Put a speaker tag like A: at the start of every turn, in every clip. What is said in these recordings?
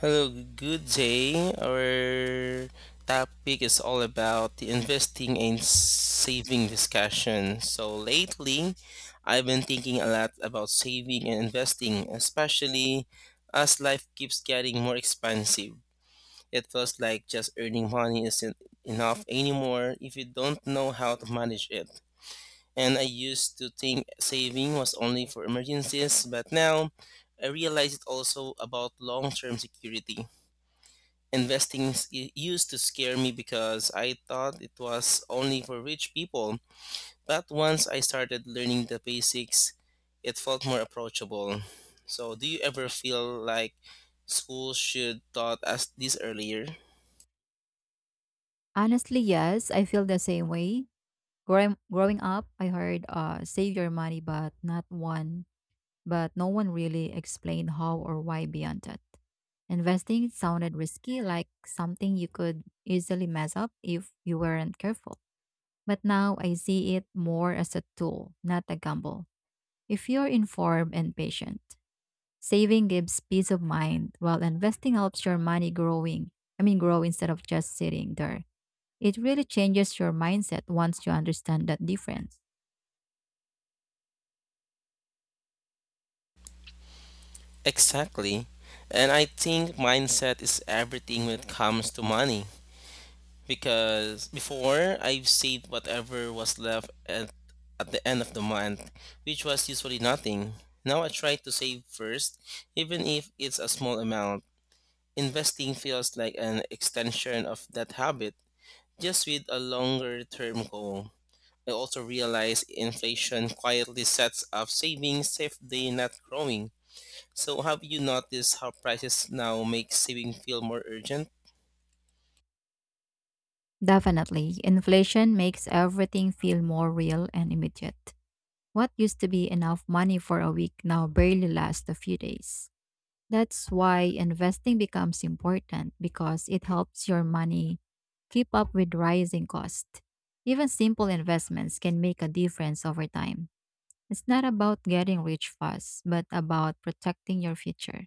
A: Hello, good day. Our topic is all about the investing and saving discussion. So, lately, I've been thinking a lot about saving and investing, especially as life keeps getting more expensive. It feels like just earning money isn't enough anymore if you don't know how to manage it. And I used to think saving was only for emergencies, but now I realize it's also about long term security. Investing used to scare me because I thought it was only for rich people. But once I started learning the basics, it felt more approachable. So, do you ever feel like schools should taught us this earlier?
B: Honestly, yes, I feel the same way. Growing up, I heard save your money, but no one really explained how or why beyond that. Investing sounded risky, like something you could easily mess up if you weren't careful. But now I see it more as a tool, not a gamble. If you're informed and patient, saving gives peace of mind while investing helps your money growing. I mean grow instead of just sitting there. It really changes your mindset once you understand that difference.
A: Exactly. And I think mindset is everything when it comes to money. Because before I've saved whatever was left at the end of the month, which was usually nothing. Now I try to save first, even if it's a small amount. Investing feels like an extension of that habit, just with a longer term goal. I also realize inflation quietly sets up savings if they not growing. So have you noticed how prices now make saving feel more urgent?
B: Definitely, inflation makes everything feel more real and immediate. What used to be enough money for a week now barely lasts a few days. That's why investing becomes important because it helps your money keep up with rising costs. Even simple investments can make a difference over time. It's not about getting rich fast, but about protecting your future.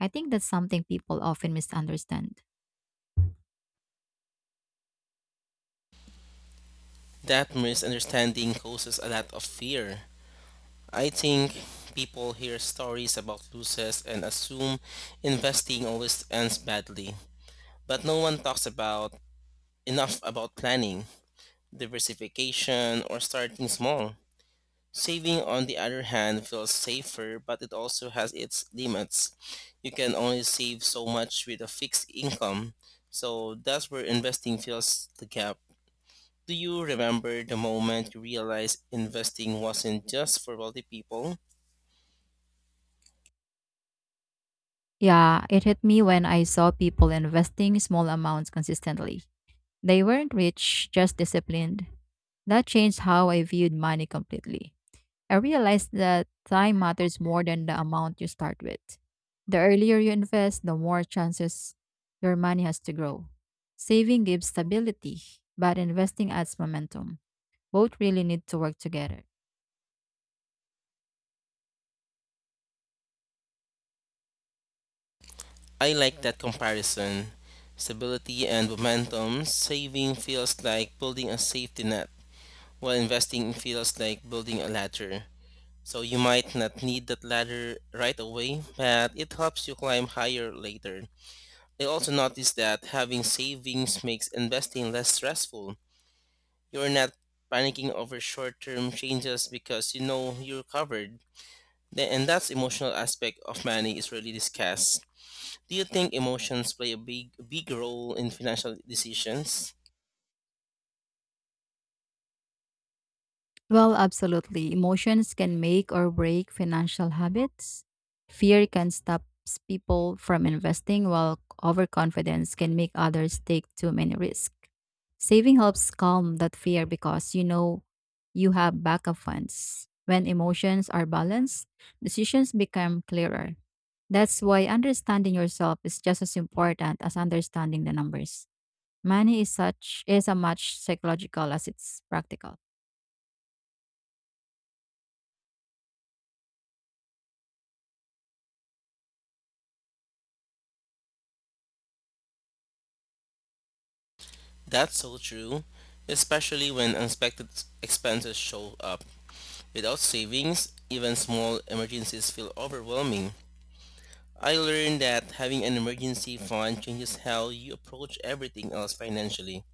B: I think that's something people often misunderstand.
A: That misunderstanding causes a lot of fear. I think people hear stories about losses and assume investing always ends badly, but no one talks about enough about planning, diversification, or starting small. Saving, on the other hand, feels safer, but it also has its limits. You can only save so much with a fixed income, so that's where investing fills the gap. Do you remember the moment you realized investing wasn't just for wealthy people?
B: Yeah, it hit me when I saw people investing small amounts consistently. They weren't rich, just disciplined. That changed how I viewed money completely. I realized that time matters more than the amount you start with. The earlier you invest, the more chances your money has to grow. Saving gives stability, but investing adds momentum. Both really need to work together.
A: I like that comparison. Stability and momentum saving feels like building a safety net, while investing feels like building a ladder. So you might not need that ladder right away, but it helps you climb higher later. I also noticed that having savings makes investing less stressful. You're not panicking over short term changes because you know you're covered. And that's emotional aspect of money is really discussed. Do you think emotions play a big role in financial decisions?
B: Well, absolutely. Emotions can make or break financial habits. Fear can stop people from investing, while overconfidence can make others take too many risks. Saving helps calm that fear because you know you have backup funds. When emotions are balanced, decisions become clearer. That's why understanding yourself is just as important as understanding the numbers. Money is such is a much psychological as it's practical.
A: That's so true, especially when unexpected expenses show up. Without savings, even small emergencies feel overwhelming. I learned that having an emergency fund changes how you approach everything else financially.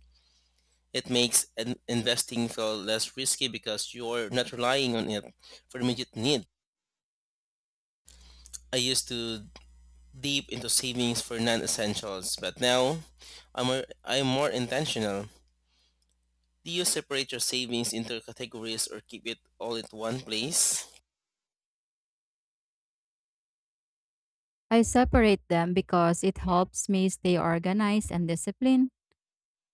A: It makes an investing feel less risky because you're not relying on it for immediate need. I used to deep into savings for non-essentials, but now I'm more intentional. Do you separate your savings into categories or keep it all in one place?
B: I separate them because it helps me stay organized and disciplined.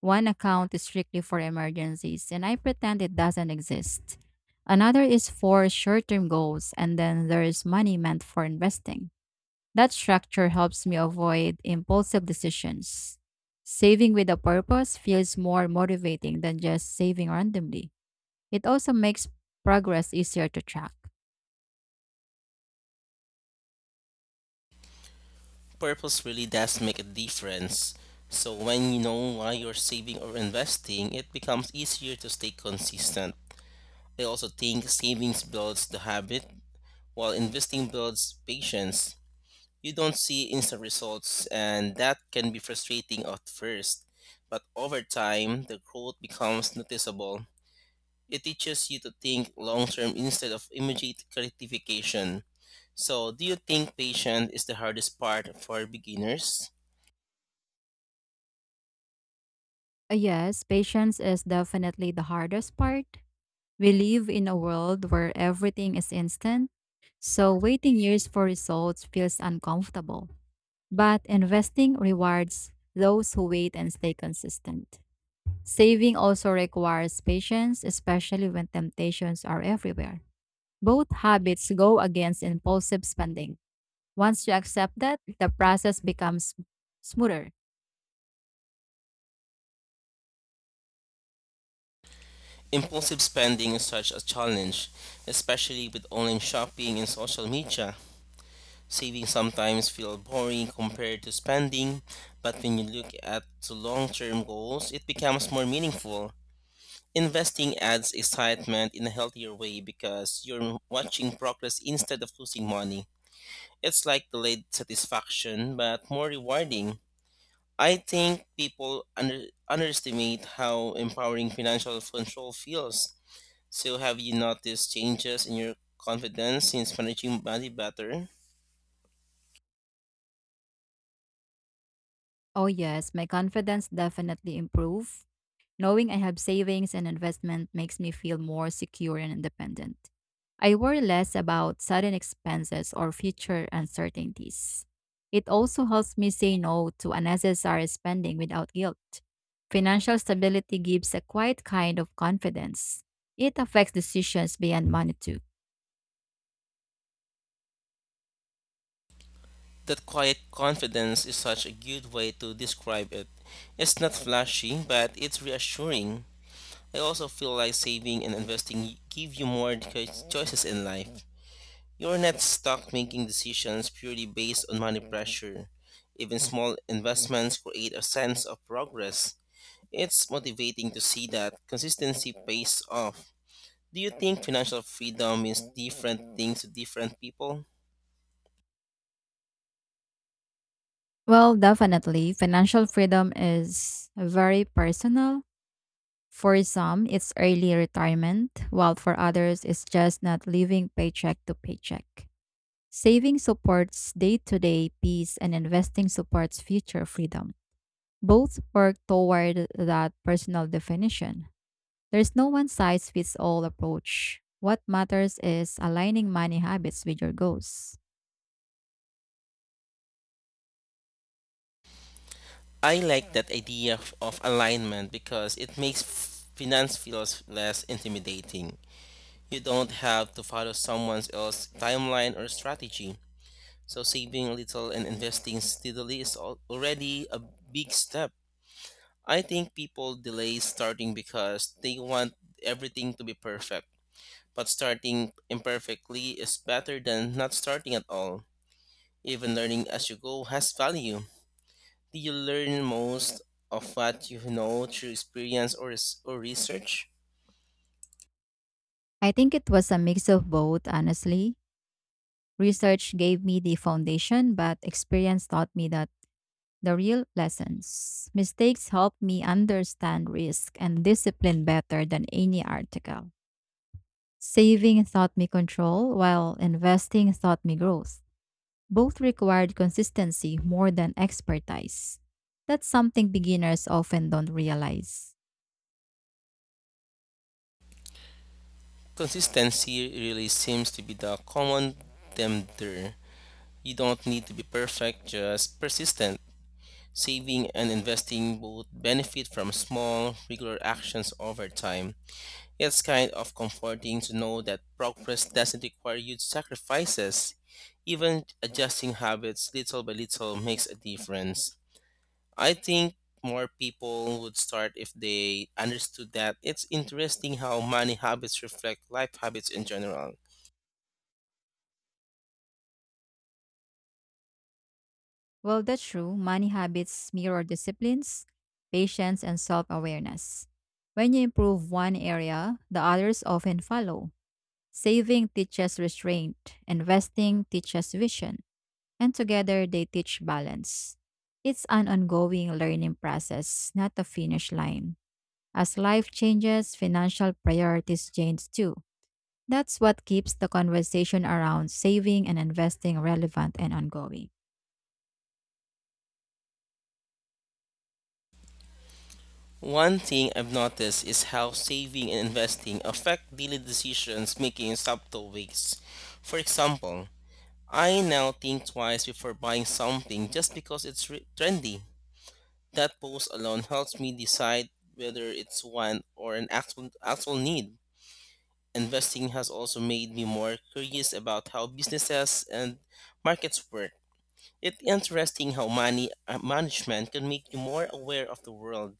B: One account is strictly for emergencies and I pretend it doesn't exist. Another is for short-term goals and then there is money meant for investing. That structure helps me avoid impulsive decisions. Saving with a purpose feels more motivating than just saving randomly. It also makes progress easier to track.
A: Purpose really does make a difference. So when you know why you're saving or investing, it becomes easier to stay consistent. I also think savings builds the habit, while investing builds patience. You don't see instant results, and that can be frustrating at first. But over time, the growth becomes noticeable. It teaches you to think long term instead of immediate gratification. So, do you think patience is the hardest part for beginners?
B: Yes, patience is definitely the hardest part. We live in a world where everything is instant, so waiting years for results feels uncomfortable. But investing rewards those who wait and stay consistent. Saving also requires patience, especially when temptations are everywhere. Both habits go against impulsive spending. Once you accept that, the process becomes smoother.
A: Impulsive spending is such a challenge, especially with online shopping and social media. Saving sometimes feels boring compared to spending, but when you look at the long-term goals, it becomes more meaningful. Investing adds excitement in a healthier way because you're watching progress instead of losing money. It's like delayed satisfaction, but more rewarding. I think people underestimate how empowering financial control feels. So, have you noticed changes in your confidence since managing money better?
B: Oh yes, my confidence definitely improved. Knowing I have savings and investment makes me feel more secure and independent. I worry less about sudden expenses or future uncertainties. It also helps me say no to unnecessary spending without guilt. Financial stability gives a quiet kind of confidence. It affects decisions beyond money too.
A: That quiet confidence is such a good way to describe it. It's not flashy, but it's reassuring. I also feel like saving and investing give you more choices in life. You're not stuck making decisions purely based on money pressure. Even small investments create a sense of progress. It's motivating to see that consistency pays off. Do you think financial freedom means different things to different people?
B: Well, definitely, financial freedom is very personal. For some, it's early retirement, while for others, it's just not living paycheck to paycheck. Saving supports day to day peace, and investing supports future freedom. Both work toward that personal definition. There's no one size fits all approach. What matters is aligning money habits with your goals.
A: I like that idea of alignment because it makes finance feels less intimidating. You don't have to follow someone else's timeline or strategy. So saving a little and investing steadily is already a big step. I think people delay starting because they want everything to be perfect. But starting imperfectly is better than not starting at all. Even learning as you go has value you learn most of what you know through experience or research?
B: I think it was a mix of both, honestly. Research gave me the foundation, but experience taught me that the real lessons. Mistakes help me understand risk and discipline better than any article. Saving taught me control, while investing taught me growth. Both required consistency more than expertise. That's something beginners often don't realize.
A: Consistency really seems to be the common denominator. You don't need to be perfect, just persistent. Saving and investing both benefit from small, regular actions over time. It's kind of comforting to know that progress doesn't require huge sacrifices. Even adjusting habits little by little makes a difference. I think more people would start if they understood that it's interesting how money habits reflect life habits in general.
B: Well, that's true. Money habits mirror disciplines, patience, and self awareness. When you improve one area, the others often follow. Saving teaches restraint, investing teaches vision, and together they teach balance. It's an ongoing learning process, not a finish line. As life changes, financial priorities change too. That's what keeps the conversation around saving and investing relevant and ongoing.
A: One thing I've noticed is how saving and investing affect daily decisions making in subtle ways. For example, I now think twice before buying something just because it's trendy. That post alone helps me decide whether it's one or an actual need. Investing has also made me more curious about how businesses and markets work. It's interesting how money management can make you more aware of the world.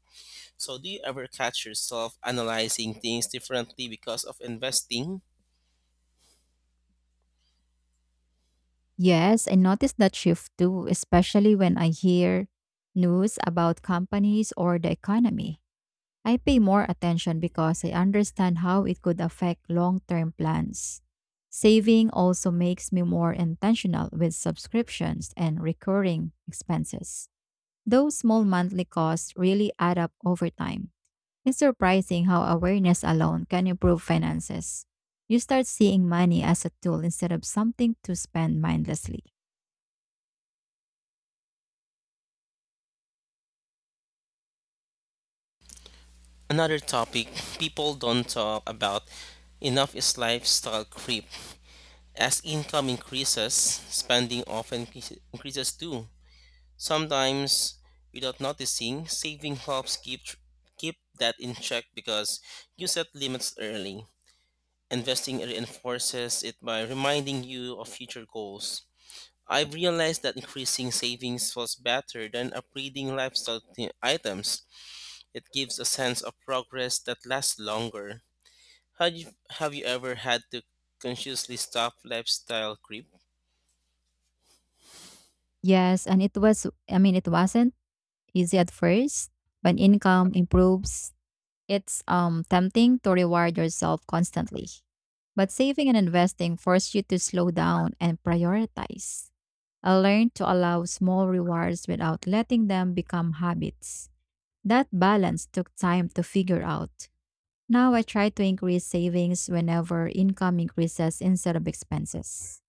A: So, do you ever catch yourself analyzing things differently because of investing?
B: Yes, I noticed that shift too, especially when I hear news about companies or the economy. I pay more attention because I understand how it could affect long term plans. Saving also makes me more intentional with subscriptions and recurring expenses. Those small monthly costs really add up over time. It's surprising how awareness alone can improve finances. You start seeing money as a tool instead of something to spend mindlessly.
A: Another topic people don't talk about enough is lifestyle creep. As income increases, spending often increases too. Sometimes, without noticing, saving helps keep that in check because you set limits early. Investing reinforces it by reminding you of future goals. I've realized that increasing savings was better than upgrading lifestyle items. It gives a sense of progress that lasts longer. Had you, have you ever had to consciously stop lifestyle creep?
B: Yes, and it was, I mean, it wasn't easy at first. When income improves, it's tempting to reward yourself constantly, but saving and investing force you to slow down and prioritize. I learned to allow small rewards without letting them become habits. That balance took time to figure out. Now I try to increase savings whenever income increases instead of expenses.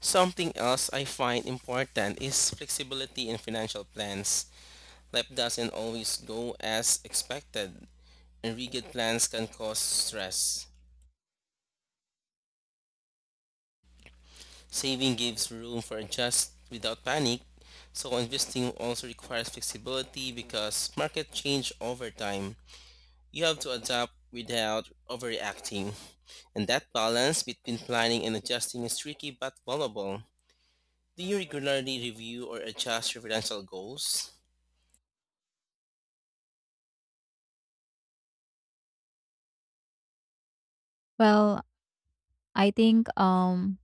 A: Something else I find important is flexibility in financial plans. Life doesn't always go as expected, and rigid plans can cause stress. Saving gives room for adjust without panic, so investing also requires flexibility because market change over time. You have to adapt without overreacting, and that balance between planning and adjusting is tricky but valuable. Do you regularly review or adjust your financial goals?
B: Well, I think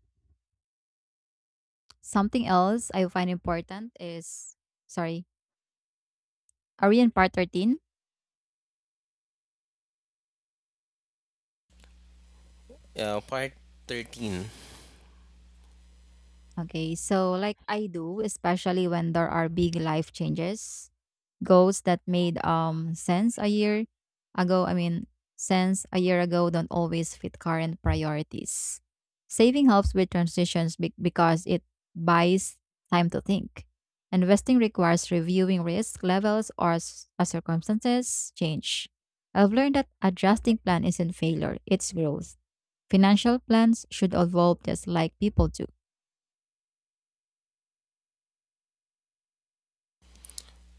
B: something else I find important is, sorry, are we in part 13?
A: Part 13.
B: Okay, so like I do, especially when there are big life changes, goals that made sense a year ago, I mean, sense a year ago don't always fit current priorities. Saving helps with transitions because it buys time to think. Investing requires reviewing risk levels as circumstances change. I've learned that adjusting plan isn't failure, it's growth. Financial plans should evolve just like people do.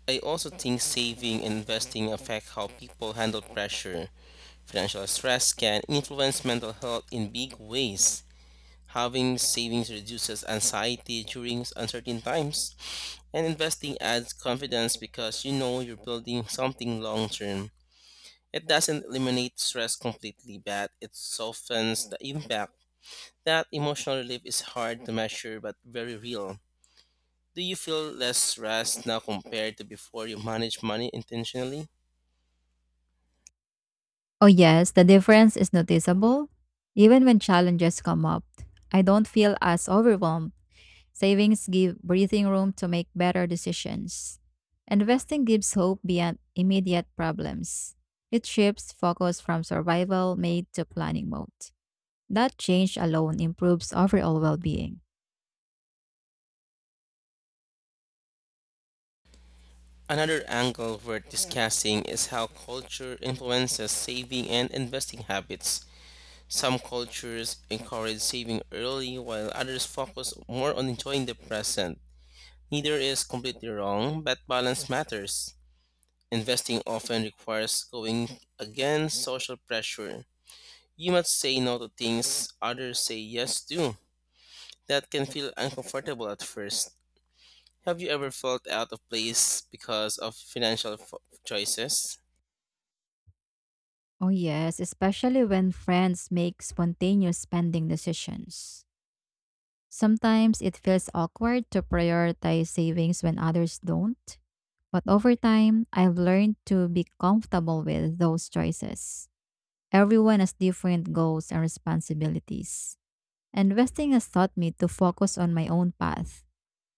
A: I also think saving and investing affect how people handle pressure. Financial stress can influence mental health in big ways. Having savings reduces anxiety during uncertain times, and investing adds confidence because you know you're building something long term. It doesn't eliminate stress completely, but it softens the impact. That emotional relief is hard to measure but very real. Do you feel less stressed now compared to before you manage money intentionally?
B: Oh, yes, the difference is noticeable. Even when challenges come up, I don't feel as overwhelmed. Savings give breathing room to make better decisions. Investing gives hope beyond immediate problems. It shifts focus from survival mode to planning mode. That change alone improves overall well being.
A: Another angle we're discussing is how culture influences saving and investing habits. Some cultures encourage saving early, while others focus more on enjoying the present. Neither is completely wrong, but balance matters. Investing often requires going against social pressure. You must say no to things others say yes to. That can feel uncomfortable at first. Have you ever felt out of place because of financial choices?
B: Oh, yes, especially when friends make spontaneous spending decisions. Sometimes it feels awkward to prioritize savings when others don't, but over time, I've learned to be comfortable with those choices. Everyone has different goals and responsibilities. Investing has taught me to focus on my own path.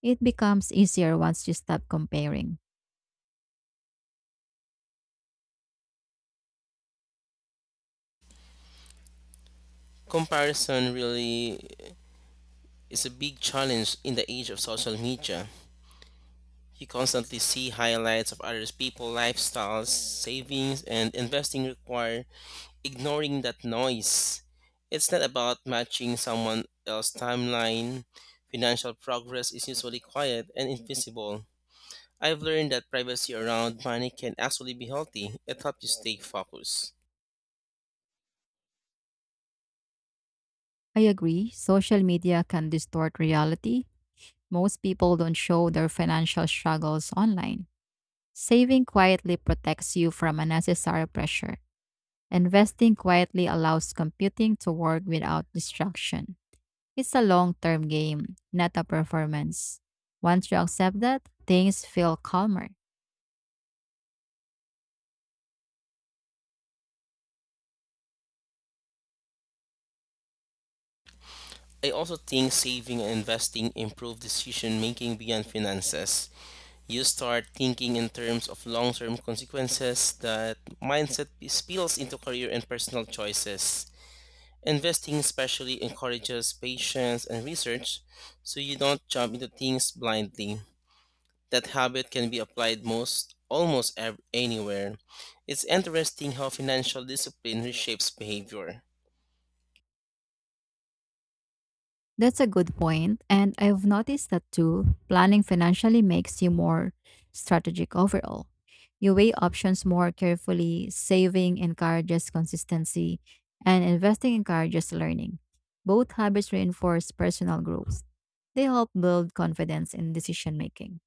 B: It becomes easier once you stop comparing.
A: Comparison really is a big challenge in the age of social media. You constantly see highlights of others' people, lifestyles, savings, and investing require ignoring that noise. It's not about matching someone else's timeline. Financial progress is usually quiet and invisible. I've learned that privacy around money can actually be healthy. It helps you stay focused.
B: I agree, social media can distort reality. Most people don't show their financial struggles online. Saving quietly protects you from unnecessary pressure. Investing quietly allows computing to work without distraction. It's a long term game, not a performance. Once you accept that, things feel calmer.
A: I also think saving and investing improve decision making beyond finances you start thinking in terms of long term consequences. That mindset spills into career and personal choices. Investing especially encourages patience and research so you don't jump into things blindly. That habit can be applied most almost anywhere. It's interesting how financial discipline reshapes behavior.
B: That's a good point, and I've noticed that too. Planning financially makes you more strategic overall. You weigh options more carefully, saving encourages consistency, and investing encourages learning. Both habits reinforce personal growth. They help build confidence in decision making.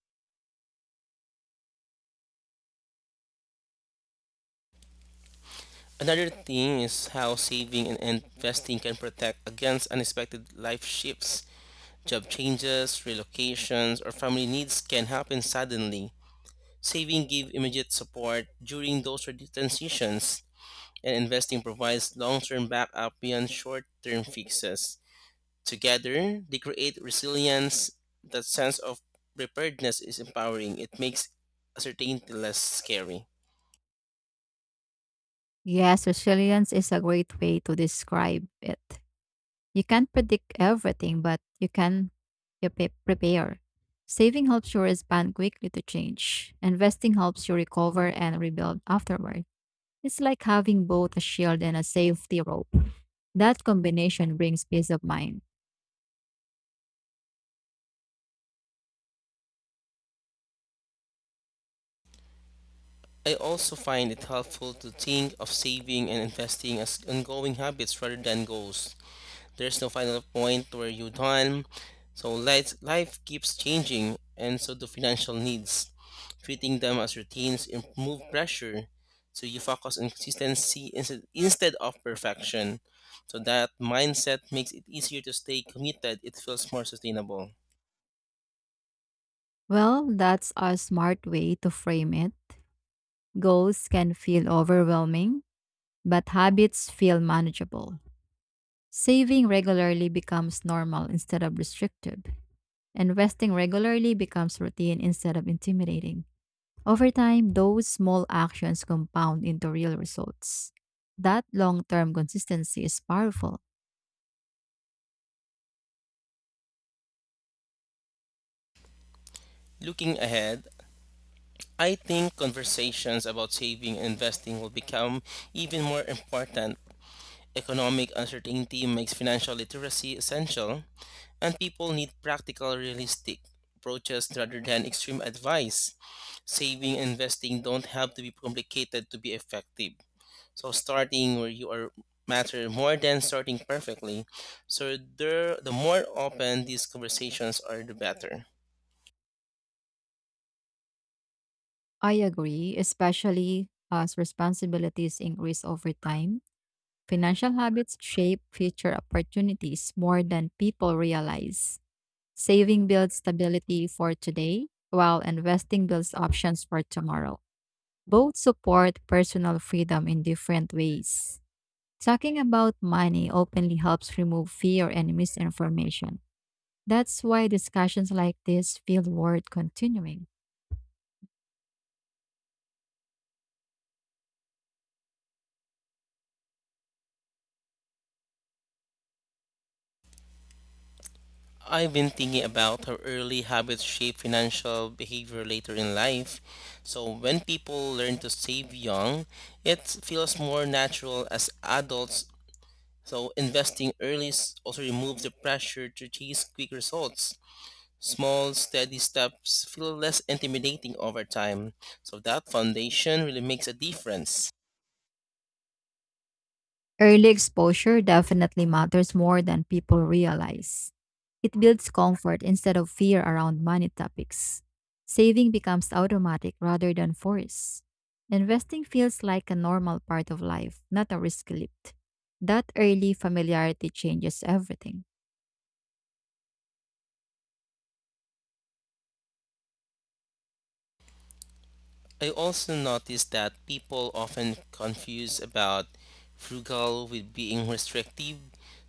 A: Another thing is how saving and investing can protect against unexpected life shifts. Job changes, relocations, or family needs can happen suddenly. Saving gives immediate support during those transitions, and investing provides long-term backup beyond short-term fixes. Together, they create resilience. That sense of preparedness is empowering. It makes uncertainty less scary.
B: Yes, resilience is a great way to describe it. You can't predict everything, but you prepare. Saving helps you respond quickly to change. Investing helps you recover and rebuild afterward. It's like having both a shield and a safety rope. That combination brings peace of mind.
A: I also find it helpful to think of saving and investing as ongoing habits rather than goals. There's no final point where you're done. So life keeps changing, and so do financial needs. Treating them as routines remove pressure, so you focus on consistency instead of perfection. So that mindset makes it easier to stay committed. It feels more sustainable.
B: Well, that's a smart way to frame it. Goals can feel overwhelming, but habits feel manageable. Saving regularly becomes normal instead of restrictive, and resting regularly becomes routine instead of intimidating. Over time, those small actions compound into real results. That long term consistency is powerful.
A: Looking ahead, I think conversations about saving and investing will become even more important. Economic uncertainty makes financial literacy essential, and people need practical, realistic approaches rather than extreme advice. Saving and investing don't have to be complicated to be effective. So starting where you are matter more than starting perfectly. So there, the more open these conversations are, the better.
B: I agree, especially as responsibilities increase over time. Financial habits shape future opportunities more than people realize. Saving builds stability for today, while investing builds options for tomorrow. Both support personal freedom in different ways. Talking about money openly helps remove fear and misinformation. That's why discussions like this feel worth continuing.
A: I've been thinking about how early habits shape financial behavior later in life. So when people learn to save young, it feels more natural as adults. So investing early also removes the pressure to chase quick results. Small, steady steps feel less intimidating over time. So that foundation really makes a difference.
B: Early exposure definitely matters more than people realize. It builds comfort instead of fear around money topics. Saving becomes automatic rather than forced. Investing feels like a normal part of life, not a risk lift. That early familiarity changes everything.
A: I also noticed that people often confuse about frugal with being restrictive.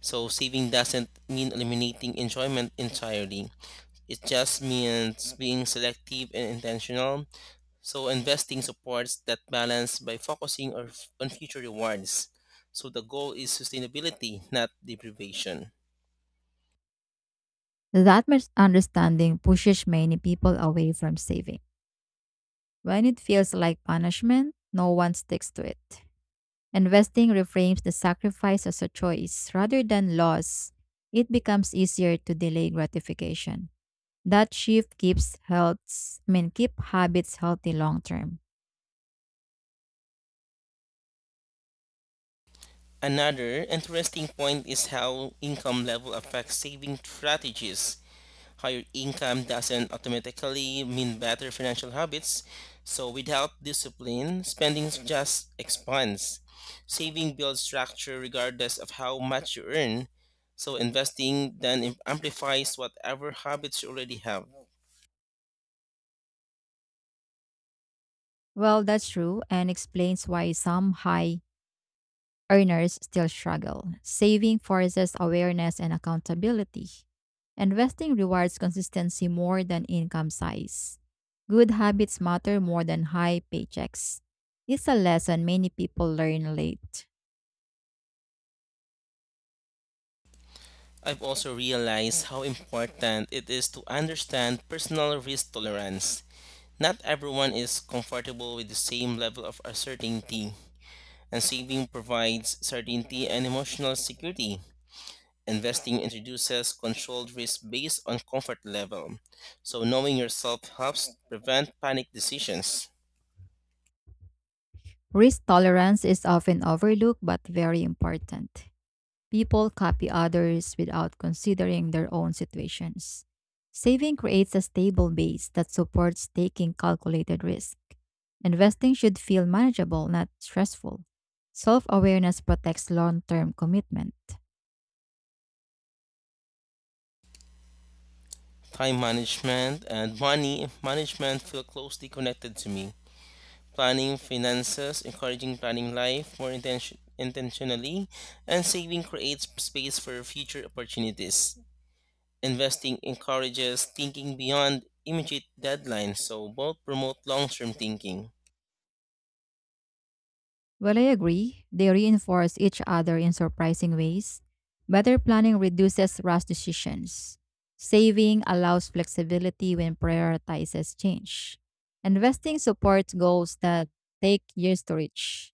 A: So saving doesn't mean eliminating enjoyment entirely. It just means being selective and intentional. So investing supports that balance by focusing on future rewards. So the goal is sustainability, not deprivation.
B: That misunderstanding pushes many people away from saving. When it feels like punishment, no one sticks to it. Investing reframes the sacrifice as a choice rather than loss. It becomes easier to delay gratification. That shift keeps healths, I mean, keep habits healthy long term.
A: Another interesting point is how income level affects saving strategies. Higher income doesn't automatically mean better financial habits, so without discipline, spending just expands. Saving builds structure regardless of how much you earn, so investing then amplifies whatever habits you already have.
B: Well, that's true and explains why some high earners still struggle. Saving forces awareness and accountability. Investing rewards consistency more than income size. Good habits matter more than high paychecks. It's a lesson many people learn late.
A: I've also realized how important it is to understand personal risk tolerance. Not everyone is comfortable with the same level of uncertainty, and saving provides certainty and emotional security. Investing introduces controlled risk based on comfort level, so knowing yourself helps prevent panic decisions.
B: Risk tolerance is often overlooked but very important. People copy others without considering their own situations. Saving creates a stable base that supports taking calculated risk. Investing should feel manageable, not stressful. Self awareness protects long term commitment.
A: Time management and money management feel closely connected to me. Planning finances, encouraging planning life more intentionally, and saving creates space for future opportunities. Investing encourages thinking beyond immediate deadlines, so both promote long term thinking.
B: Well, I agree. They reinforce each other in surprising ways. Better planning reduces rash decisions. Saving allows flexibility when prioritizes change. Investing supports goals that take years to reach.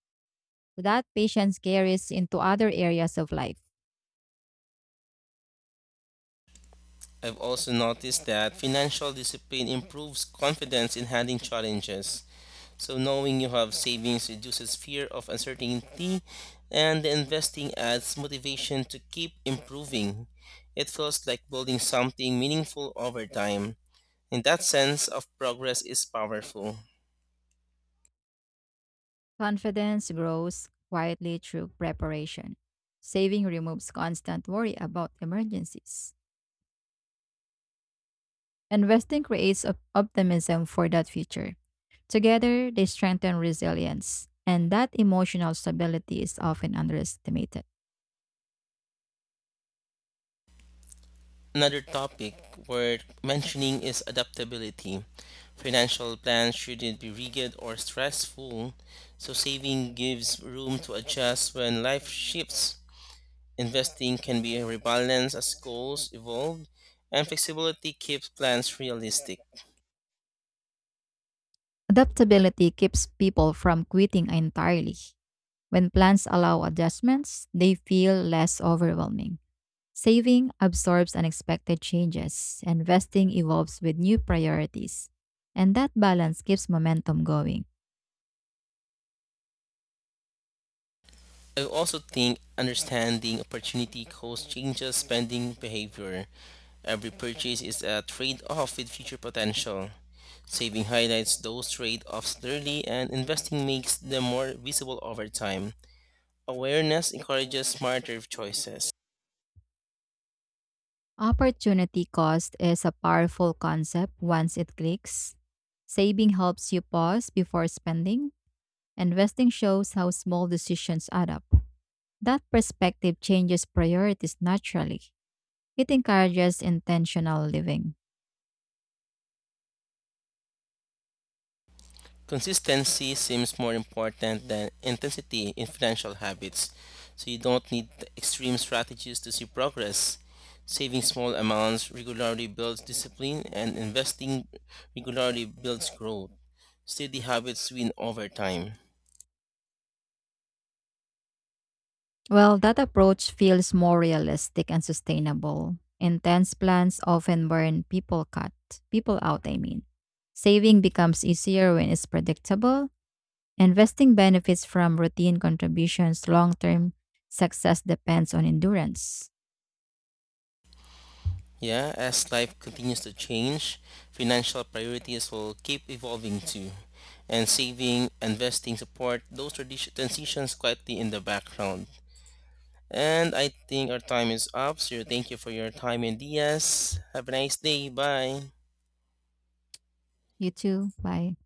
B: That patience carries into other areas of life.
A: I've also noticed that financial discipline improves confidence in handling challenges. So knowing you have savings reduces fear of uncertainty and the investing adds motivation to keep improving. It feels like building something meaningful over time. In that sense of progress is powerful.
B: Confidence grows quietly through preparation. Saving removes constant worry about emergencies. Investing creates optimism for that future. Together, they strengthen resilience, and that emotional stability is often underestimated.
A: Another topic worth mentioning is adaptability. Financial plans shouldn't be rigid or stressful, so saving gives room to adjust when life shifts. Investing can be rebalanced as goals evolve, and flexibility keeps plans realistic.
B: Adaptability keeps people from quitting entirely. When plans allow adjustments, they feel less overwhelming. Saving absorbs unexpected changes, and investing evolves with new priorities, and that balance keeps momentum going.
A: I also think understanding opportunity cost changes spending behavior. Every purchase is a trade off with future potential. Saving highlights those trade offs clearly, and investing makes them more visible over time. Awareness encourages smarter choices.
B: Opportunity cost is a powerful concept once it clicks. Saving helps you pause before spending, investing shows how small decisions add up. That perspective changes priorities naturally. It encourages intentional living.
A: Consistency seems more important than intensity in financial habits. So you don't need extreme strategies to see progress. Saving small amounts regularly builds discipline, and investing regularly builds growth. Steady habits win over time.
B: Well, that approach feels more realistic and sustainable. Intense plans often burn people cut people out, I mean. Saving becomes easier when it's predictable. Investing benefits from routine contributions long term. Success depends on endurance.
A: Yeah, as life continues to change, financial priorities will keep evolving too. And saving, investing support those transitions quietly in the background. And I think our time is up. So thank you for your time, and Diaz. Have a nice day. Bye.
B: You too. Bye.